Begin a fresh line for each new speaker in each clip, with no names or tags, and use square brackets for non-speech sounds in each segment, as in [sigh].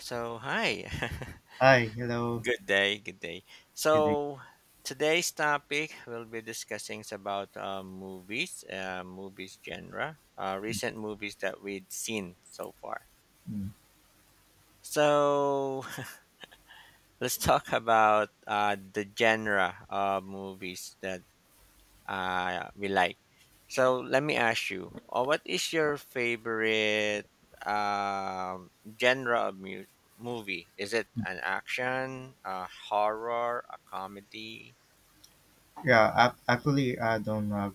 So, hi. [laughs]
Hi, hello,
Good day, good day.
good day.
So, today's topic we'll be discussing is about movies, movies genre, recent movies that we've seen so far.
Mm.
So, [laughs] let's talk about the genre of movies that we like. So let me ask you, what is your favorite um, genre of movie? Is it an action, a horror, a comedy?
Yeah, actually, I don't have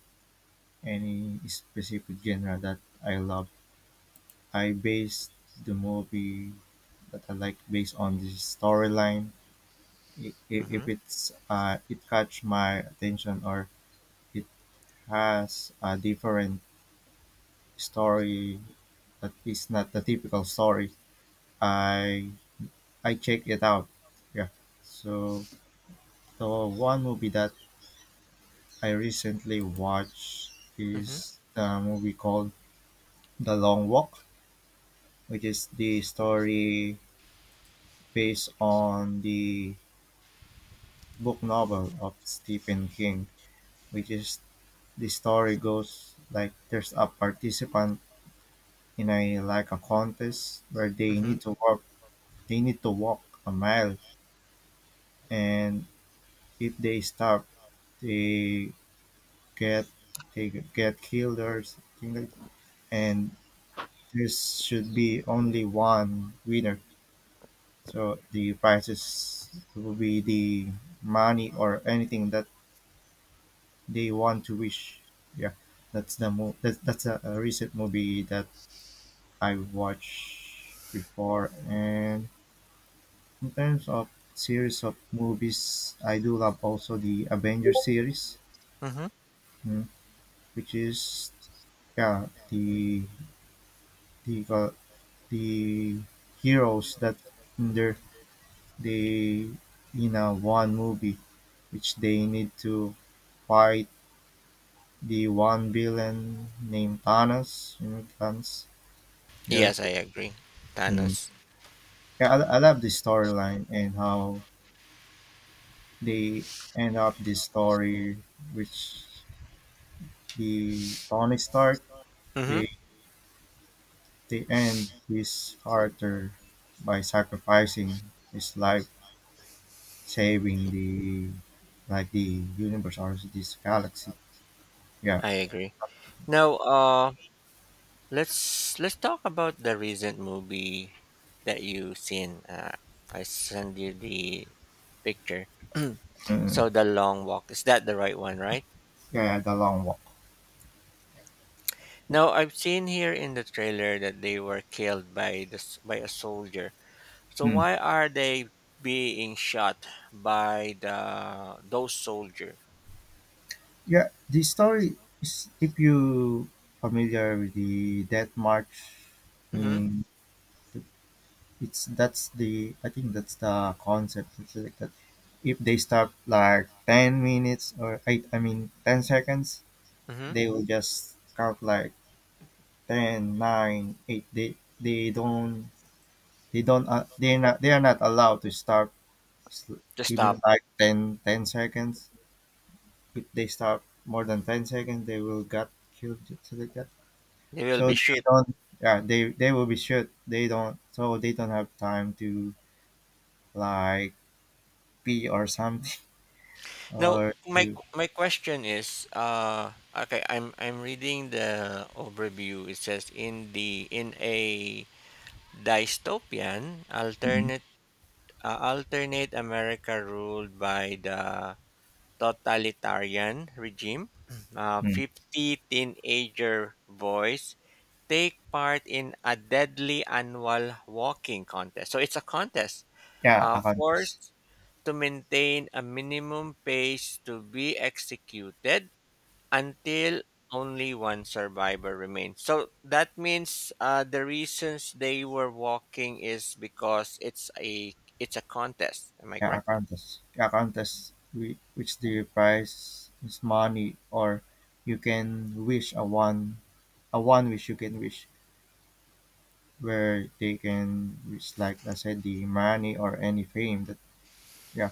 any specific genre that I love. I base the movie that I like based on the storyline. If
Mm-hmm.
it's it catch my attention or it has a different story that is not the typical story, I I check it out. Yeah. So the one movie that I recently watched
Mm-hmm.
is a movie called The Long Walk, which is the story based on the book novel of Stephen King, which is the story goes like there's a participant in a like a contest where they
Mm-hmm.
need to walk they need to walk a mile, and if they stop they get they get killed or something like, and there should be only one winner. So the prizes will be the money or anything that they want to wish. Yeah, that's a recent movie that I watched before. And in terms of series of movies, I do love also the Avengers series,
Mm-hmm.
mm, which is, yeah, the uh, the heroes that in their, they in a one movie, which they need to fight the one villain named Thanos. You know, Thanos. Yeah.
Yes, I agree.
Mm.
Thanos.
Yeah, I love the storyline and how they end up this story, which the Tony Stark,
Mm-hmm.
they they end his character by sacrificing his life, saving the, like, the universe or this galaxy. Yeah,
I agree. Now, let's talk about the recent movie that you seen. I send you the picture.
mm
So the long walk is that the right one, right?
yeah, the Long Walk.
Now I've seen here in the trailer that they were killed by the by a soldier. So
Hmm.
why are they being shot by the those soldier?
Yeah, the story is, if you familiar with the Death March,
Mm-hmm.
mm, it's that's the, I think that's the concept. It's like that, if they stop like 10 minutes or eight, I mean 10 seconds,
Mm-hmm.
they will just count like ten, nine, 8. They don't, they are not allowed to stop
To
even
stop,
like ten seconds. If they stop more than 10 seconds, they will get killed. Just like that.
they will be
So they
shoot.
don't, yeah, they will be short. They don't, so they don't have time to like pee or something [laughs]
Now
or
my
to,
my question is, okay, I'm reading the overview. It says in the in a dystopian
mhm,
alternate alternate America ruled by the totalitarian regime, [clears throat]
mm
50 teenager boys take part in a deadly annual walking contest. So it's a contest
yeah, accountants,
forced to maintain a minimum pace to be executed until only one survivor remains. So that means the reasons they were walking is because it's a contest. Am I
yeah,
correct?
accountants, which the price is money, or you can wish a one wish you can wish, where they can wish, like I said, the money or any fame that, yeah,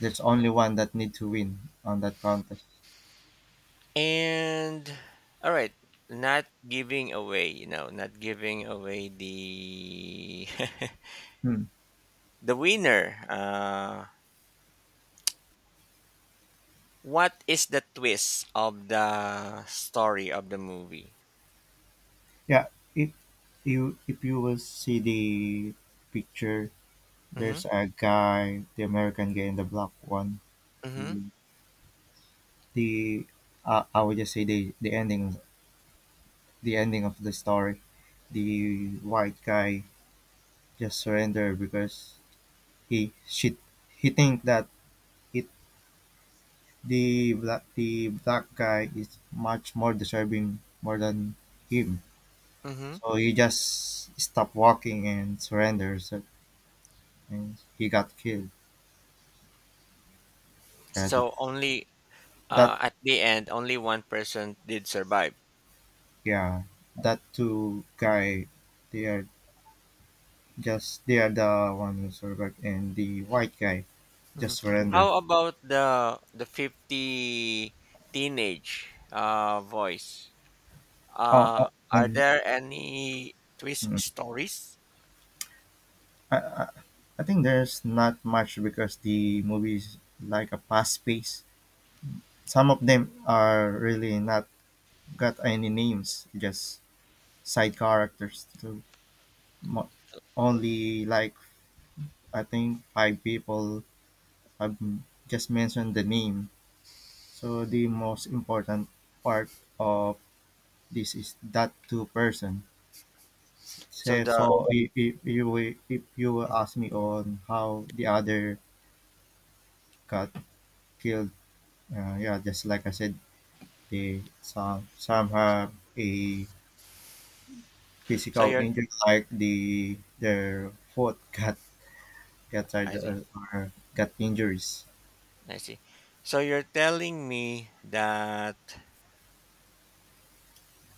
there's only one that need to win on that contest.
And all right, not giving away, you know, not giving away the [laughs]
Hmm.
the winner. What is the twist of the story of the movie?
Yeah, if you, if you will see the picture,
Mm-hmm.
there's a guy, the American guy and the black one.
Mm-hmm.
The the I would just say the ending of the story. The white guy just surrender because he she he think that it the black guy is much more deserving more than him.
Mm-hmm.
So he just stopped walking and surrenders, and he got killed. Yeah, that,
So only
that,
at the end, only one person did survive.
yeah, that two guy, they are they are the one who survived, and the white guy
Mhm.
just
How
surrender.
about the 50 teenage voice?
Oh, oh,
Are
and,
there any twist
mm,
stories?
I, I I think there's not much because the movie is like a fast pace. Some of them are really not got any names, just side characters. So, mo- only like, I think, five people have just mentioned the name. So the most important part of this is that two person. S-
So
Say,
the
so if you will
Mhm.
ask me on how the other got killed, yeah, just like I said, they, some, have a
So
physical
you're
injury, like the, their foot got
I
charged
see.
or got injuries.
I see. So you're telling me that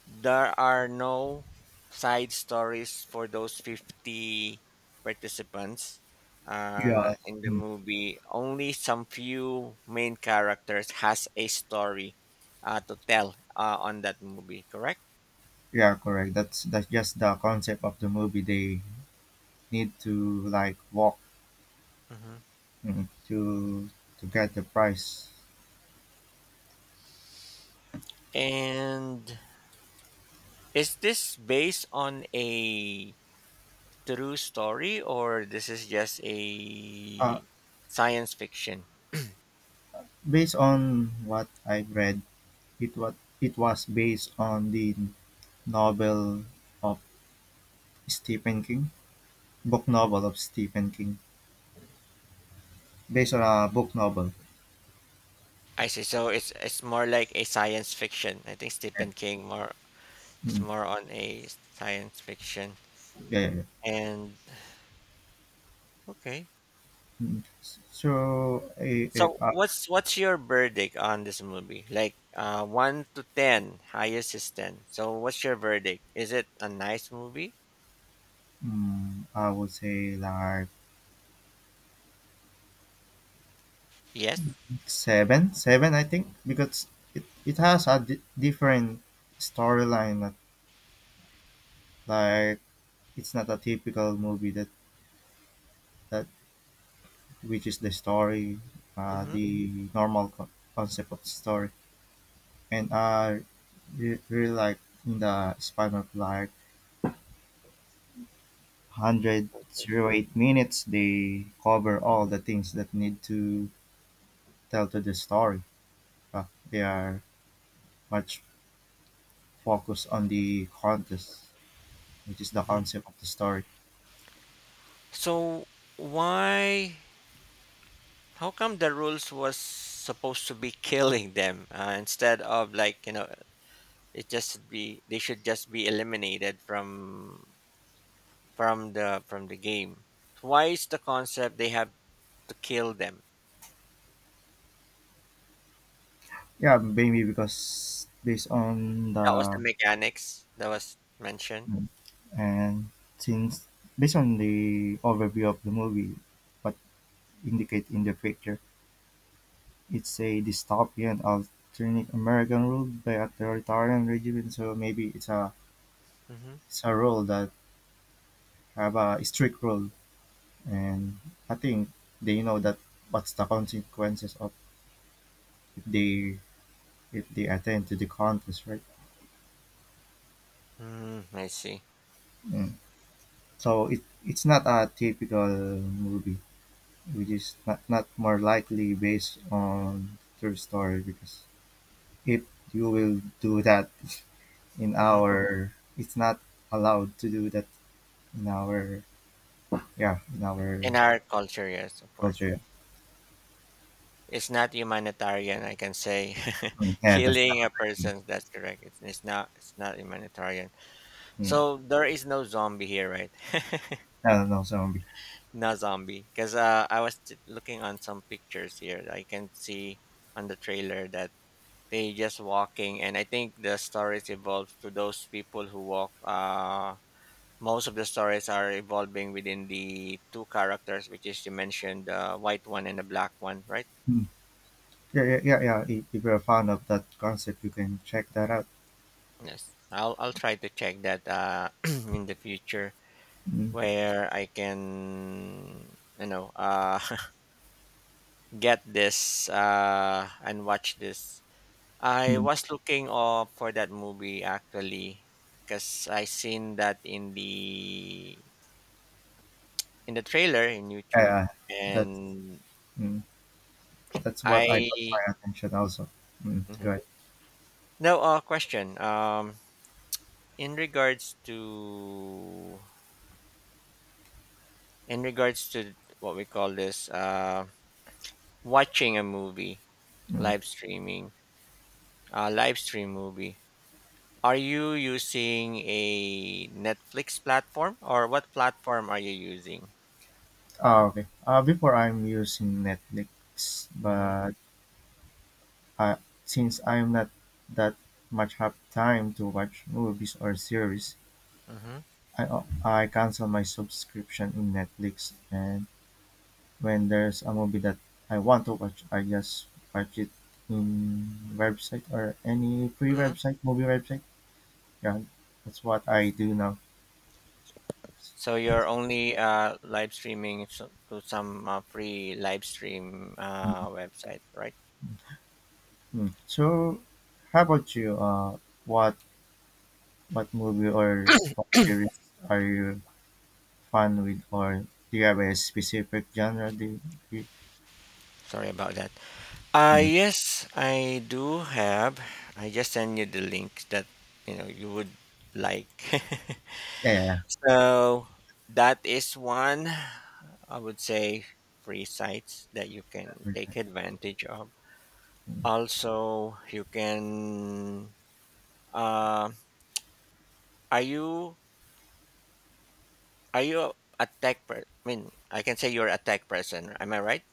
there are no side stories for those 50 participants
Yeah,
in the
mm,
movie. Only some few main characters has a story to tell on that movie. Correct.
yeah, correct. That's just the concept of the movie. They need to like walk,
Hmm.
mm, to to get the price.
And is this based on a true story or this is just
Uh,
a science fiction?
based on what I've read, it was, based on the novel of Stephen King, book novel of Stephen King, based on a book novel.
I see. So it's more like a science fiction. I think
Yeah,
Stephen King more it's
mm,
more on a science fiction.
yeah, yeah, yeah.
And okay.
Mm. So, if
So
I,
what's your verdict on this movie? Like one to ten, highest is ten. So what's your verdict? Is it a nice movie?
I would say like
Yes.
seven, seven, I think, because it has a different storyline. Not like, it's not a typical movie that, that, which is the story,
Mm-hmm.
the normal concept of story. And I really like, in the span of like 100 zero eight minutes, they cover all the things that need to tell to the story. But they are much focused on the contest, which is the
Hmm.
concept of the story.
So why? How come the rules was supposed to be killing them instead of like you know it just should be they should just be eliminated from the game? Why is the concept they have to kill them?
Yeah, maybe because based on
That was the
the,
mechanics that was mentioned.
and since, based on the overview of the movie, what indicate in the picture. It's a dystopian alternate American ruled by a authoritarian regime, so maybe it's a,
Mm-hmm.
it's a rule that have a strict rule, and I think they know that what's the consequences of, if they, if they attend to the contest, right?
Mm, I see.
Mm. So it, it's not a typical movie, which is not, not more likely based on true story, because if you will do that in
Mm-hmm.
our, it's not allowed to do that in our, yeah, in
In
our
our culture, yes, of course.
culture.
It's not humanitarian, I can say. [laughs]
Mm, yeah, that's the
Killing a
other thing.
person, that's correct. It's not humanitarian.
Mm,
So there is no zombie here, right? [laughs]
I don't know zombie.
Not zombie, because I was looking on some pictures here. I can see on the trailer that they just walking, and I think the stories evolve to those people who walk. Most of the stories are evolving within the two characters, which is you mentioned the white one and the black one, right?
Mm, yeah, yeah, yeah, yeah, if you're a fan of that concept you can check that out.
Yes, I'll try to check that [clears throat] in the future
mm,
where I can you know [laughs] get this and watch this I
mm,
was looking up for that movie actually because I seen that in the trailer in YouTube
yeah, that's,
and
mm, that's what I got
I
my attention also. Mm,
Mhm.
good.
No question in regards to in regards to what we call this watching a movie
Mm.
live streaming live stream movie are you using a Netflix platform or what platform are you using?
Ah, okay, before I'm using Netflix,
Mm-hmm.
but uh, since I'm not that much have time to watch movies or series,
Mm-hmm.
I cancel my subscription in Netflix, and when there's a movie that I want to watch, I just watch it in website, or any free website, movie website. Yeah, that's what I do now.
So you're only live streaming to some free live stream website, right?
Mm. So, how about you? What what movie or what series are you fun with, or do you have a specific genre? Do you, do you-
Sorry about that.
Mm.
Yes, I do have. I just send you the link that you know you would like. [laughs]
Yeah,
So that is one, I would say, free sites that you can
yeah,
take advantage of.
yeah.
Also, you can. Uh, are you Are you a tech person? I mean, I can say you're a tech person. Am I right?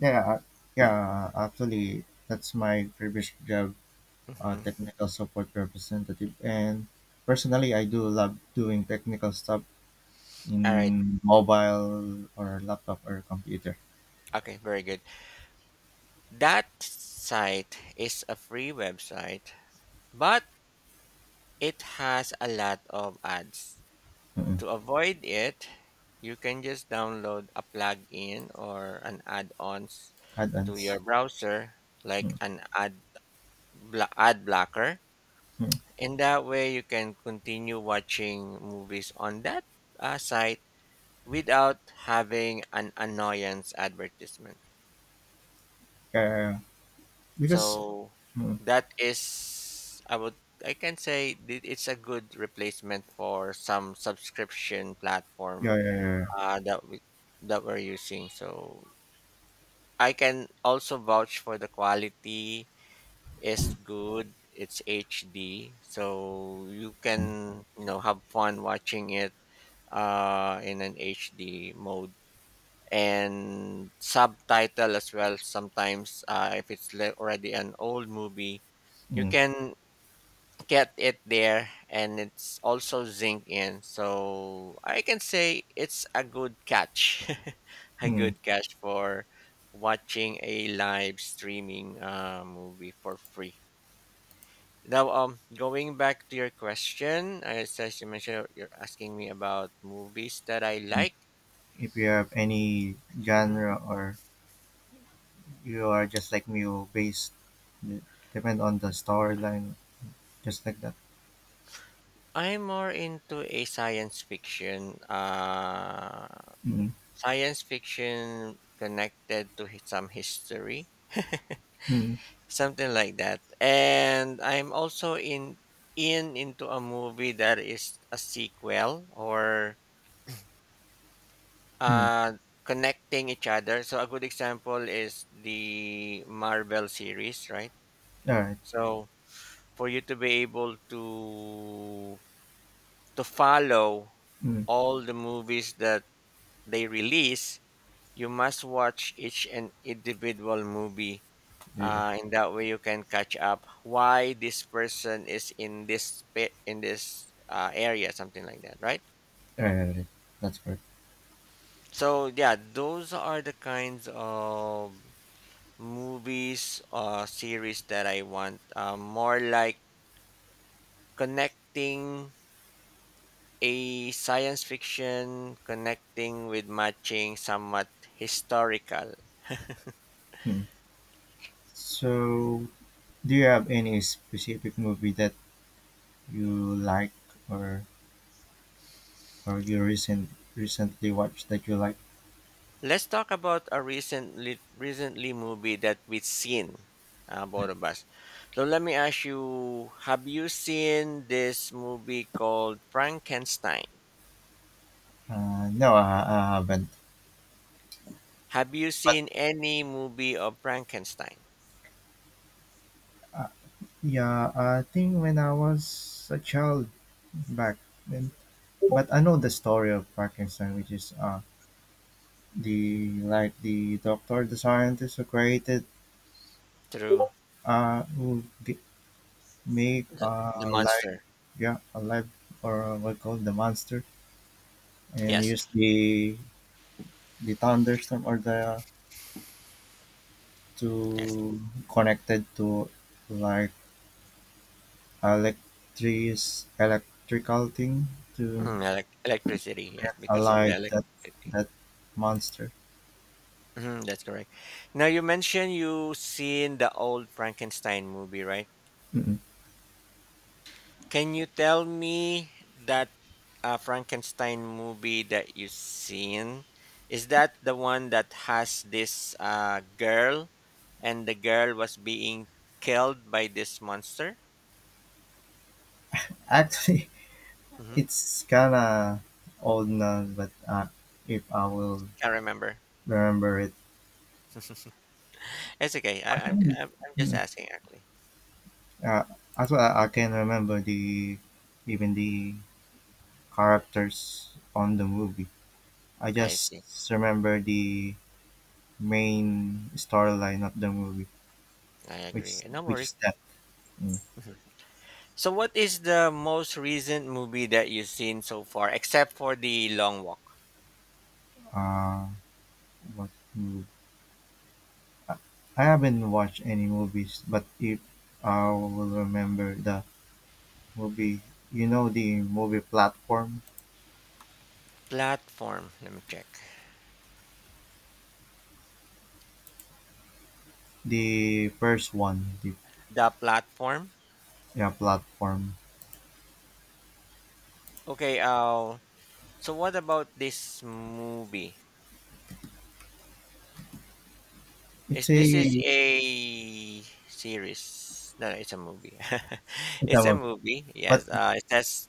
Yeah, yeah, actually, that's my previous job,
Mm-hmm.
technical support representative. And personally, I do love doing technical stuff
All right.
in mobile or laptop or computer.
Okay. Very good. That site is a free website, but it has a lot of ads.
Mm-mm.
To avoid it, you can just download a plugin or an add ons to
Add-ons.
your browser, like an ad ad blocker.
Mm-mm.
In that way, you can continue watching movies on that site without having an annoyance advertisement.
Yeah, because,
So
mm,
that is I would I can say that it's a good replacement for some subscription platform
yeah, yeah, yeah,
that we're using. So I can also vouch for the quality is good. It's HD, so you can
yeah.
you know have fun watching it in an HD mode and subtitle as well sometimes if it's already an old movie you
Mm,
can get it there and it's also zinc in so I can say it's a good catch [laughs] a
mm,
good catch for watching a live streaming movie for free now going back to your question as you mentioned you're asking me about movies that I
mm.
like
If you have any genre, or you are just like me, you based, depend on the storyline, just like that.
I'm more into a
Mm,
science fiction connected to some history,
mm,
[laughs] something like that. And I'm also in into a movie that is a sequel or
mm.
uh, connecting each other. So a good example is the Marvel series, right?
All right.
So for you to be able to follow
Mm,
all the movies that they release You must watch each and individual movie.
yeah, yeah.
In that way, you can catch up why this person is in in this area, something like that, right?
Uh, that's correct.
So yeah, those are the kinds of movies or series that I want. More like connecting a science fiction, connecting with matching somewhat historical.
Mm. So, do you have any specific movie that you like, or or you recent, recently watched that you like?
Let's talk about a recently movie that we've seen, both of us. So let me ask you: Have you seen this movie called Frankenstein?
No, I haven't.
Have you
But,
seen any movie of Frankenstein
uh, yeah, I think when I was a child back then, but I know the story of Frankenstein, which is, uh, the, like, the doctor, the scientist who created,
through
uh who g- made,
the
uh, life.
monster?
Yeah, alive, or what called the monster, and
Yes,
use the thunderstorm or the,
yes.
to, connected to, like, electric, electrical thing to
Mm, electricity, yes,
get
because of the
alive that,
electricity.
that monster.
Mhm, that's correct. Now you mentioned you seen the old Frankenstein movie, right?
Mm-mm.
Can you tell me that Frankenstein movie that you seen? Is that the one that has this girl and the girl was being killed by this monster?
Actually, [laughs]
Mm-hmm.
it's kinda old now, but if I will
Can't remember. [laughs]
remember it,
It's okay.
I
I, I'm,
think,
I'm I'm just
mm,
asking actually.
uh, as well, I can remember the, even the characters on the movie. I
I
just
see.
remember the main storyline of the movie,
I agree.
which
No
which is
worries.
that. Mm,
Mhm. So, what is the most recent movie that you've seen so far, except for the Long Walk
uh, what movie? I haven't watched any movies, but if I will remember the movie, you know, the movie Platform,
platform? Let me check.
the first one, the,
The platform.
yeah, Platform.
Okay. So what about this movie? Is
It's
this is
a,
a series? No, no, it's a movie. [laughs]
it's a
It's a
movie,
movie.
but,
Yes. It has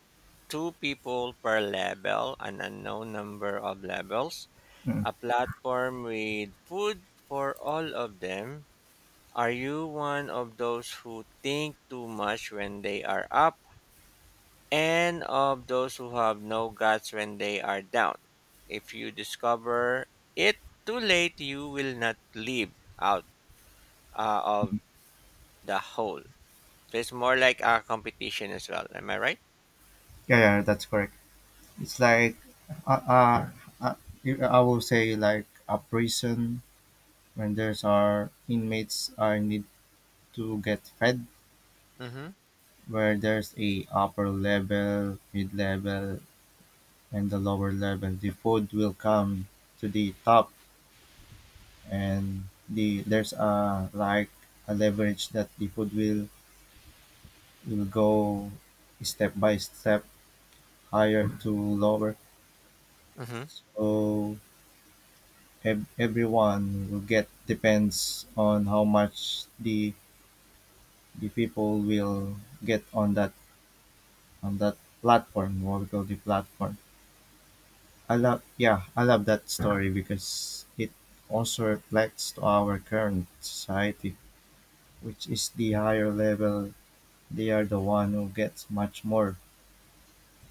two people per level, an unknown number of levels,
mm,
a platform with food for all of them. Are you one of those who think too much when they are up and of those who have no guts when they are down. If you discover it too late, you will not leave out of
mm,
the hole. So it's more like a competition as well. Am I right?
yeah, yeah, that's correct. It's like, uh, uh, uh, I would say like a prison, when there's are inmates are need to get fed,
Mm-hmm.
where there's a upper level, mid level, and the lower level. The food will come to the top, and the, there's a like a leverage that the food will go step by step, higher to lower.
Mm-hmm.
So, everyone will get depends on how much the people will get on that, on that platform, what we call the Platform. I love, yeah, I love that story because it also reflects to our current society, which is the higher level, they are the one who gets much more,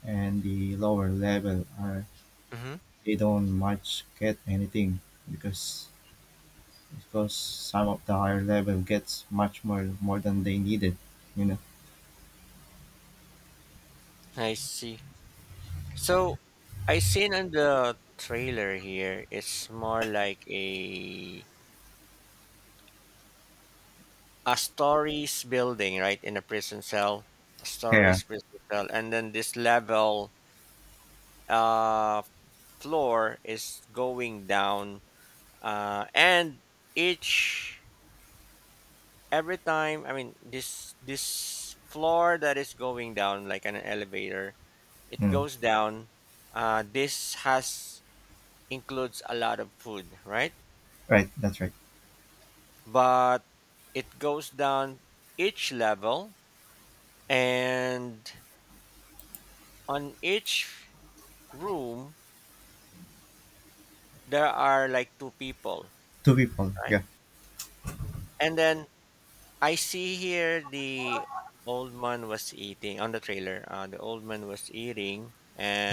and the lower level are,
Mm-hmm.
they don't much get anything, because because some of the higher level gets much more, more than they needed, you know.
I see. So I seen on the trailer here, it's more like a stories building, right? In a prison cell, a
Yeah.
stories prison cell, and then this level uh floor is going down and each every time I mean this floor that is going down like an elevator it
Mm.
goes down this has includes a lot of food right
Right, that's right.
but it goes down each level and on each room there are like two people
Two people,
right
yeah.
and then I see here the old man was eating on the trailer. The old man was eating,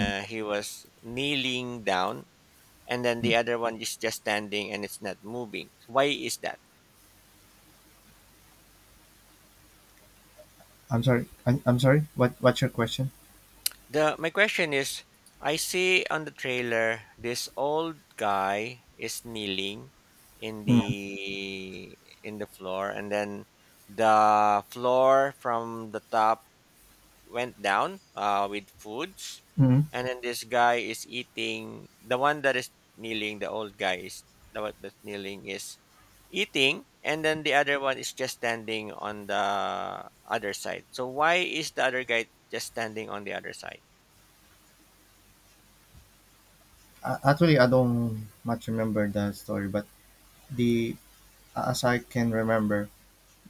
Mm.
he was kneeling down, and then
Mm.
the other one is just standing and it's not moving. Why is that?
I'm sorry. I'm sorry. What, what's your question?
The my question is, I see on the trailer this old guy is kneeling in
Mm.
the in the floor, and then the floor from the top went down with foods,
Mm.
and then this guy is eating. The one that is kneeling, the old guy is the one that's kneeling is eating, and then the other one is just standing on the other side. So why is the other guy just standing on the other side?
Actually, I don't much remember the story, but the, as I can remember,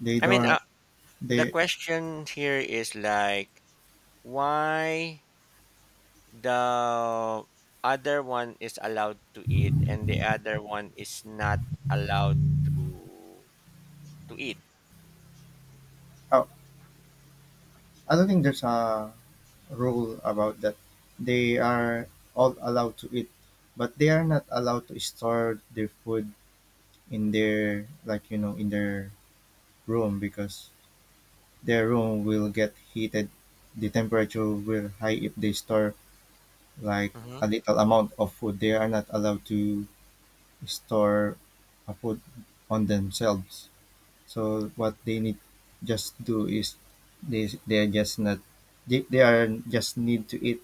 they
I mean,
don't.
the
They.
question here is like, why the other one is allowed to eat and the other one is not allowed to to eat?
Oh, I don't think there's a rule about that. They are all allowed to eat, but they are not allowed to store their food in their, like, you know, in their room, because their room will get heated. The temperature will high if they store like
Mm-hmm.
a little amount of food. They are not allowed to store a food on themselves. So what they need just do is, they are just not, they, they are just need to eat,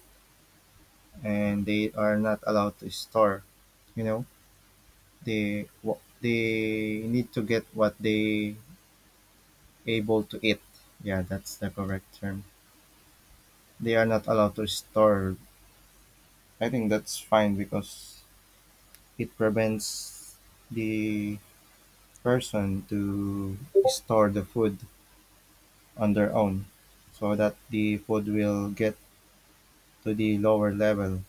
and they are not allowed to store. You know, they, what they need to get what they able to eat. Yeah, that's the correct term. They are not allowed to store. I think that's fine because it prevents the person to store the food on their own so that the food will get to the lower level.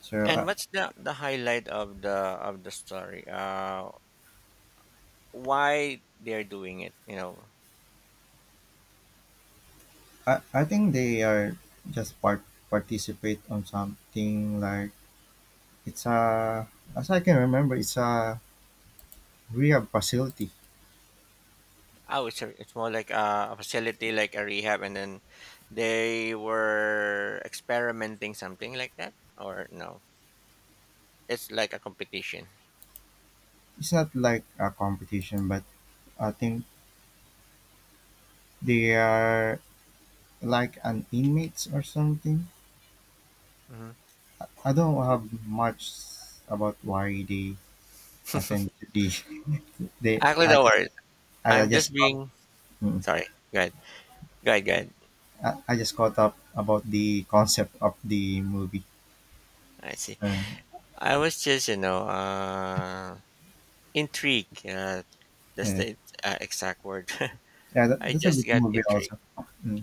So
And
I,
what's the highlight of the story? Why they're doing it? You know,
I, I think they are just participate on something like it's a, as I can remember it's a rehab facility.
oh, it's a, it's more like a facility, like a rehab, and then they were experimenting something like that, or no? It's like a competition.
It's not like a competition, but I think they are like an inmates or something.
Hmm.
I don't have much about why they attend to the [laughs] they.
Actually,
I
don't
just
worry.
I, I
I'm just
just caught,
being
mm,
sorry. Go ahead. Go ahead. Go ahead.
I, I just caught up about the concept of the movie.
I see.
So,
I was just you know intrigued. That's
yeah,
the exact word. [laughs]
yeah, that,
I
that's a
just
good
got
movie
intrigued.
also. Mm,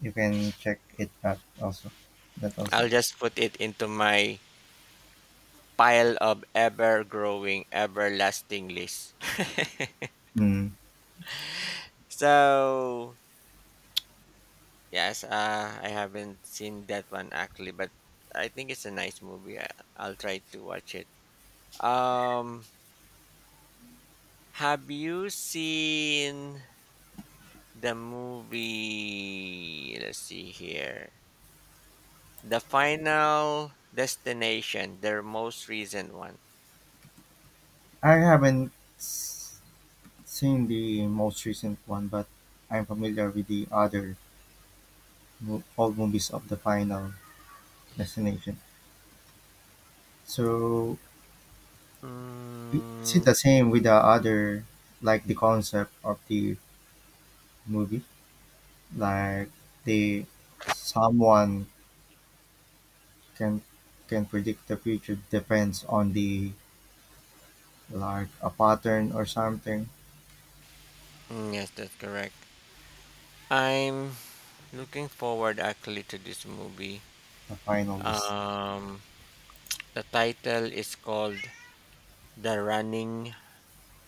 you can check it out also. That also.
I'll just put it into my pile of ever growing, everlasting list.
Mm,
[laughs] so, yes, I haven't seen that one actually, but I think it's a nice movie. I'll try to watch it. Um, have you seen the movie? Let's see here. The Final Destination, their most recent one.
I haven't seen the most recent one, but I'm familiar with the other all movies of the final destination. So is
Mm,
it the same with the other, like the concept of the movie? Like the someone can predict the future depends on the like a pattern or something.
yes, that's correct. I'm looking forward actually to this movie.
The final this.
Um, the title is called The Running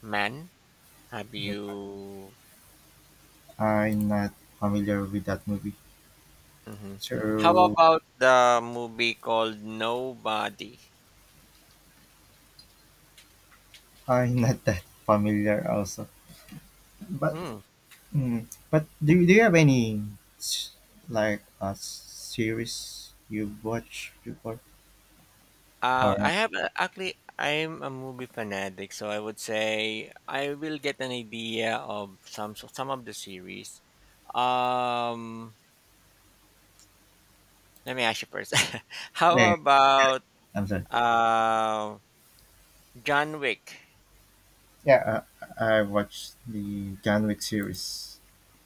Man. Have you?
I'm not familiar with that movie.
Hmm How
So
about the movie called Nobody?
I'm not that familiar also. But
Hmm.
mm, but do you have any s- like a series you've watched before? Or
I have actually. I'm a movie fanatic, so I would say I will get an idea of some of the series. Um, Let me ask you first. [laughs] How
Hey,
about
I'm sorry.
uh, John Wick?
Yeah, I watched the John Wick series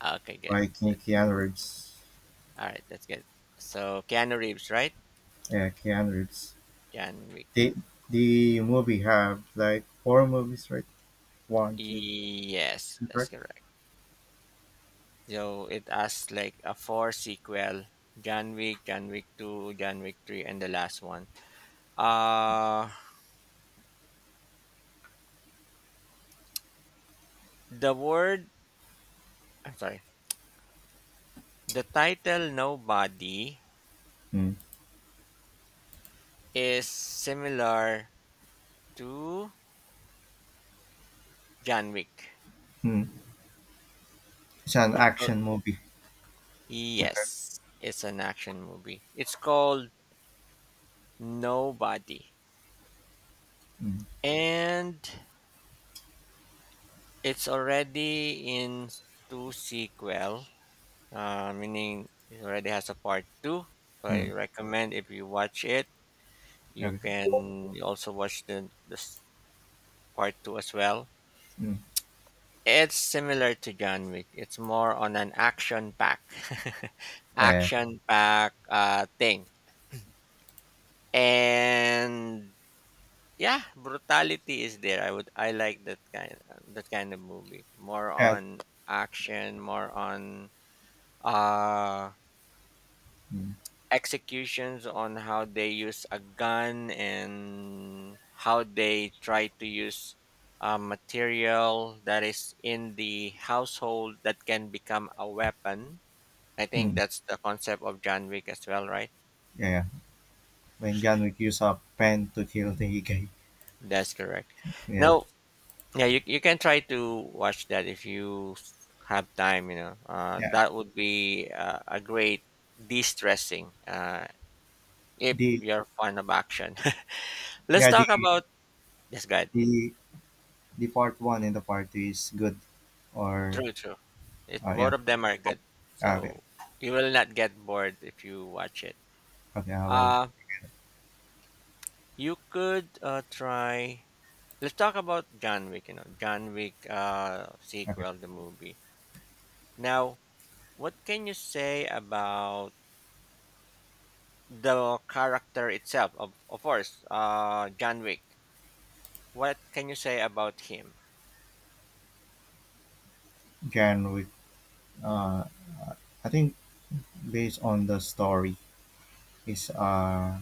Okay, good.
by Keanu Reeves.
All right, that's good. So Keanu Reeves, right?
Yeah, Keanu Reeves.
Keanu Reeves.
They, the movie have like four movies, right? One, two,
Yes,
three,
that's
correct?
correct. So it has like a four sequel: John Wick, John Wick Two, John Wick Three, and the last one. Uh the word. I'm sorry. The title "Nobody"
Mm.
is similar to John Wick.
Mm. It's an
So,
action movie.
yes, it's an action movie. It's called Nobody,
Mm.
and it's already in two sequel, meaning it already has a part two. So I
Mm.
recommend if you watch it, you
Okay.
can also watch the this part two as well.
Mm.
It's similar to John Wick. It's more on an action pack, [laughs]
Yeah.
action pack thing, and yeah, brutality is there. I like that kind of movie. More
Yeah.
on action, more on uh
Mm.
executions on how they use a gun and how they try to use material that is in the household that can become a weapon. I think
Mm.
that's the concept of John Wick as well, right?
Yeah. When John Wick used a pen to kill the [laughs] guy.
That's correct.
Yeah.
No, yeah, you can try to watch that if you have time, you know.
Yeah.
That would be a great de stressing if
The
you're fond of action. [laughs] Let's
yeah the
talk about. Yes, go ahead.
the the part one and the part two is good, or
True, true. It Both
yeah.
of them are good,
Okay,
so you will not get bored if you watch it.
okay, I will.
Uh you could try. Let's talk about John Wick. You know, John Wick
Okay,
sequel, the movie. Now, what can you say about the character itself? Of course, John Wick. What can you say about him?
Jan with uh, I think based on the story is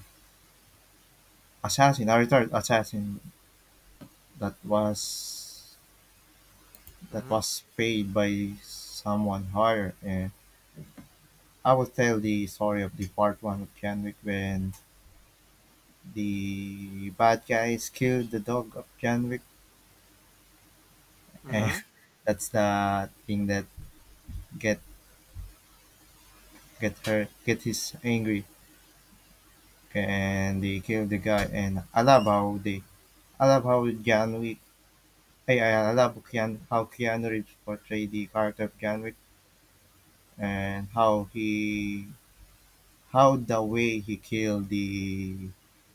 assassin, a retired assassin that was that
Mm-hmm.
was paid by someone higher, and I will tell the story of the part one of Janwick when the bad guys killed the dog of Janwick, and
Mm-hmm.
[laughs] that's the thing that get get his angry, and they kill the guy, and I love how they I love how John Wick. I love Keanu, how Keanu Reeves portrayed the character of John Wick and how he how the way he killed the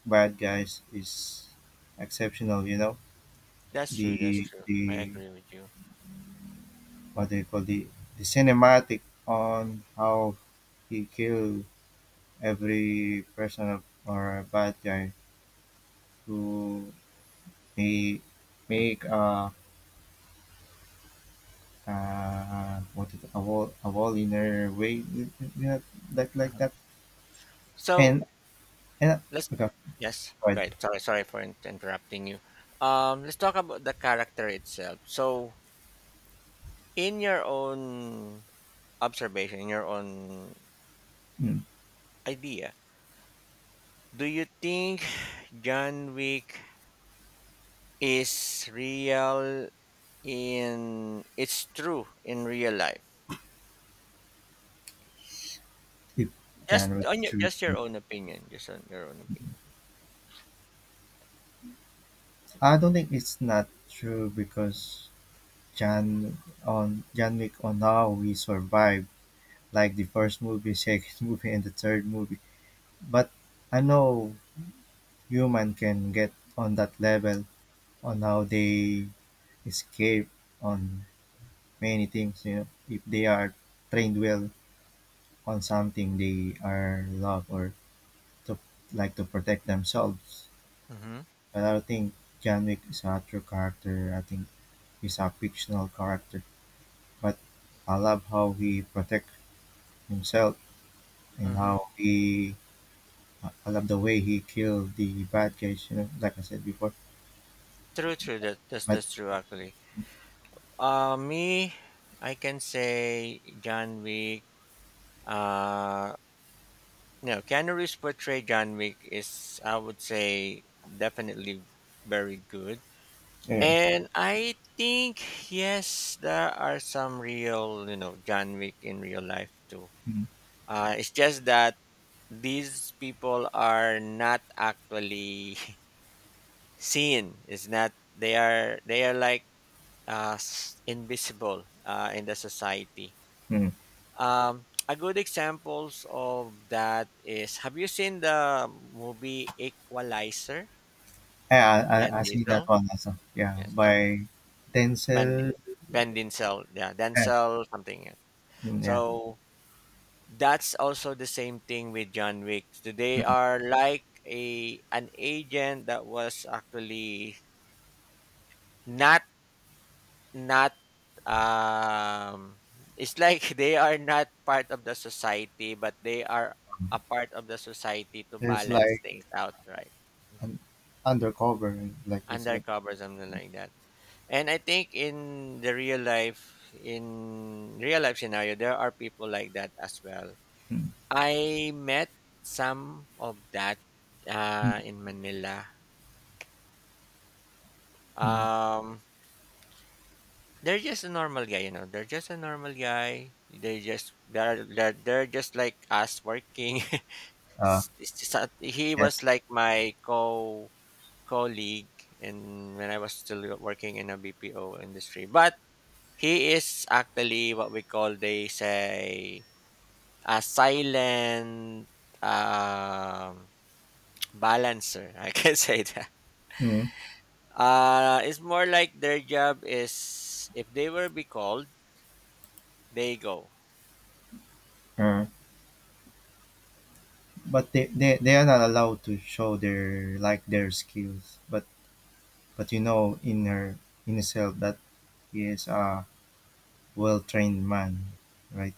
bad guys is exceptional. You know
That's true. That's
the
true. I
the
agree with you.
what they call the cinematic on how he killed every person of- or a bad guy to make make a what is it, a wall in a way, you know, that like that,
So,
and and
let's
about
yes,
spread
right, sorry, for interrupting you. Let's talk about the character itself. So in your own observation, in your own
mm,
idea, do you think John Wick is real in it's true in real life?
if Jan was true.
Just your own opinion, just on your own opinion.
I don't think it's not true because Jan on Jan Wick on how we survived, like the first movie, [laughs] second movie, and the third movie. But I know human can get on that level on how they escape on many things, you know, if they are trained well, on something they are love or to like to protect themselves.
Mm-hmm.
But I don't think John Wick is a true character. I think he's a fictional character. But I love how he protect himself and
Mm-hmm.
how he. I love the way he killed the bad guys. You know, like I said before.
True, true,
But
that's true actually. Me I can say John Wick uh no, Keanu's portray John Wick is, I would say, definitely very good.
yeah,
And I think yes, there are some real, you know, John Wick in real life too.
mm,
It's just that these people are not actually [laughs] seen. It's not They are like invisible in the society.
mm.
A good examples of that is have you seen the movie Equalizer?
Yeah, I,
Van
I I see that
Diesel.
one also. Yeah,
Yes. So
by
Van Di-
Denzel.
Van Diesel. Yeah.
Yeah,
Denzel something. Yeah.
mm,
So
yeah.
that's also the same thing with John Wick. So they
Mm.
are like a an agent that was actually not Not, um it's like [laughs] they are not part of the society, but they are a part of the society to
There's
balance
like
things out, right?
an undercover, like it's like.
Undercover, something like that. And I think in the real life, in real life scenario, there are people like that as well.
Mm.
I met some of that in Manila.
Mm.
Um, They're just a normal guy, you know. They're just a normal guy. They just they're just like us working. [laughs]
Uh,
He was
yes.
like my co colleague, and when I was still working in a BPO industry, but he is actually what we call, they say a silent um, [tsk] balancer. I can [laughs] say that.
Mm.
It's more like their job is if they were be called, they go.
Uh, but they they are not allowed to show their like their skills. But you know in her in herself that he is a well trained man, right?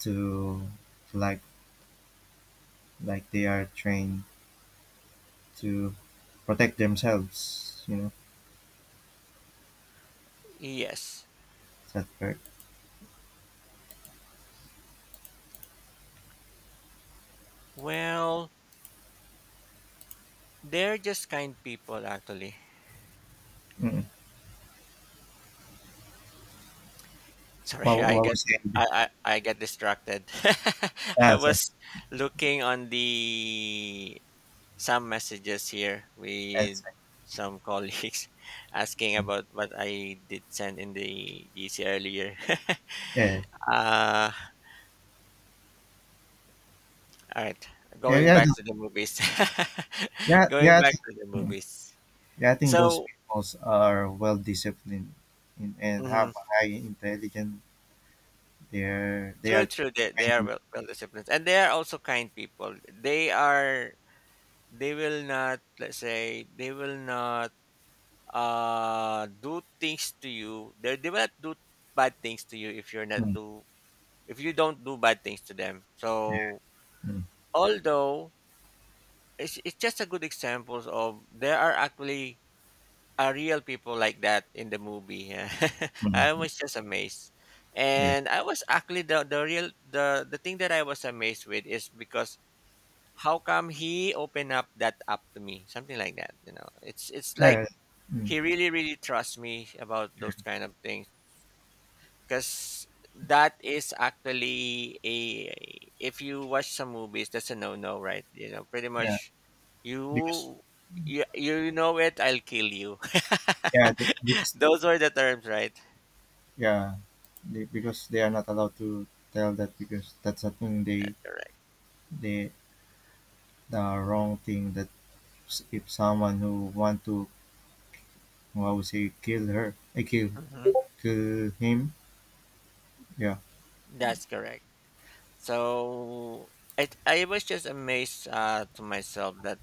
To like like they are trained to protect themselves. You know,
Yes.
is that correct?
Well, they're just kind people actually.
Mm.
[laughs] Sorry, I
What
get
was it?
I get distracted. [laughs] I
Yeah, so-
was looking on the some messages here with
that's right.
some colleagues [laughs] asking about what I did send in the GC earlier.
Yeah so-
[laughs] uh all right.
yeah yeah
Going
yeah yeah.
back to the movies. [laughs]
Yeah.
Going
Yeah, I
back
think.
to the
Mm.
movies.
Yeah, I think those
So,
people are well disciplined in, and
mhm.
have a high intelligence. They
True,
are
true. They are
kind.
well, well disciplined, and they are also kind people. They are. They will not. Let's say they will not do things to you. They will not do bad things to you if you're not
Mm,
do if you don't do bad things to them. So
mm,
although it's just a good examples of there are actually are real people like that in the movie. [laughs] I
mm,
was just amazed.
yeah.
And I was actually the real the thing that I was amazed with is because how come he opened up that up to me, something like that, you know. It's like
Yeah. Mm,
he really really trusts me about those kind of things because that is actually a if you watch some movies, that's a no no, right? You know, pretty
yeah.
much,
Because
you you know, it, I'll kill you.
yeah, the-
[laughs]
because
those are the terms, right?
yeah, they, because they are not allowed to tell that because that's a thing
That's correct.
they the wrong thing that s- if someone who want to who I would say kill her, I kill
Hmm
kill him. Yeah.
that's correct. So I was just amazed to myself that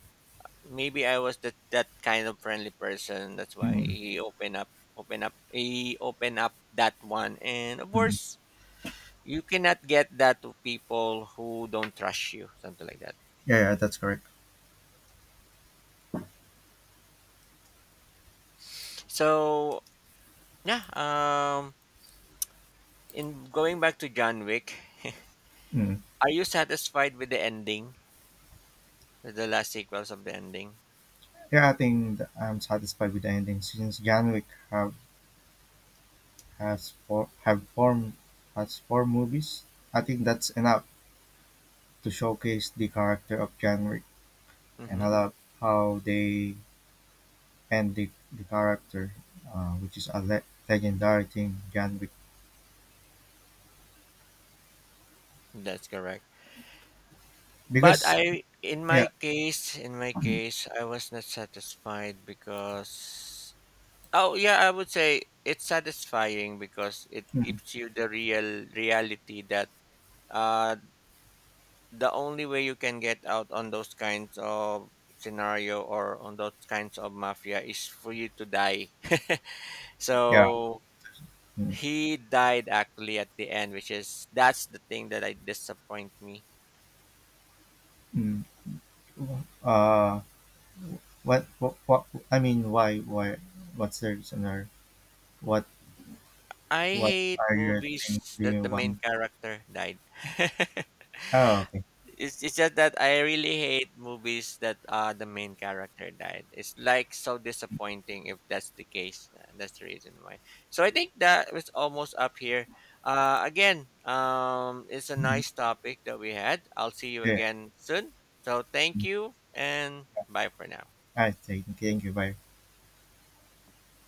maybe I was that that kind of friendly person. That's
Mm,
why
mm.
he opened up, he opened up that one. And of
Mm.
course, you cannot get that to people who don't trust you, something like that.
Yeah, yeah, that's correct.
So yeah, in going back to John Wick,
Mm.
[laughs] are you satisfied with the ending, with the last sequels of the ending?
Yeah, I think I'm satisfied with the ending since John Wick have has four have four has four movies. I think that's enough to showcase the character of John Wick, and I
Mm-hmm.
love how they end the character, which is a legendary thing, John Wick.
That's correct. But
Because
I,
yeah,
in my
mm,
case, I was not satisfied because oh yeah, I would say it's satisfying because it
mm,
gives you the real reality that uh the only way you can get out on those kinds of scenario or on those kinds of mafia is for you to die. [laughs]
yeah,
so
mm,
he died actually at the end, which is that's the thing that I disappoint me.
mm. Uh, what I mean, why what's the reason or what
I
what
hate
are your things
movies
do
that
you
the main
want?
character died. [laughs]
Oh, okay.
It's just that I really hate movies that the main character died. It's like so disappointing if that's the case. That's the reason why. So I think that was almost up here. Again, it's a
Mhm.
nice topic that we had. I'll see you
Yeah,
again soon. So thank
all
you and bye for now.
right. Thank you. Bye.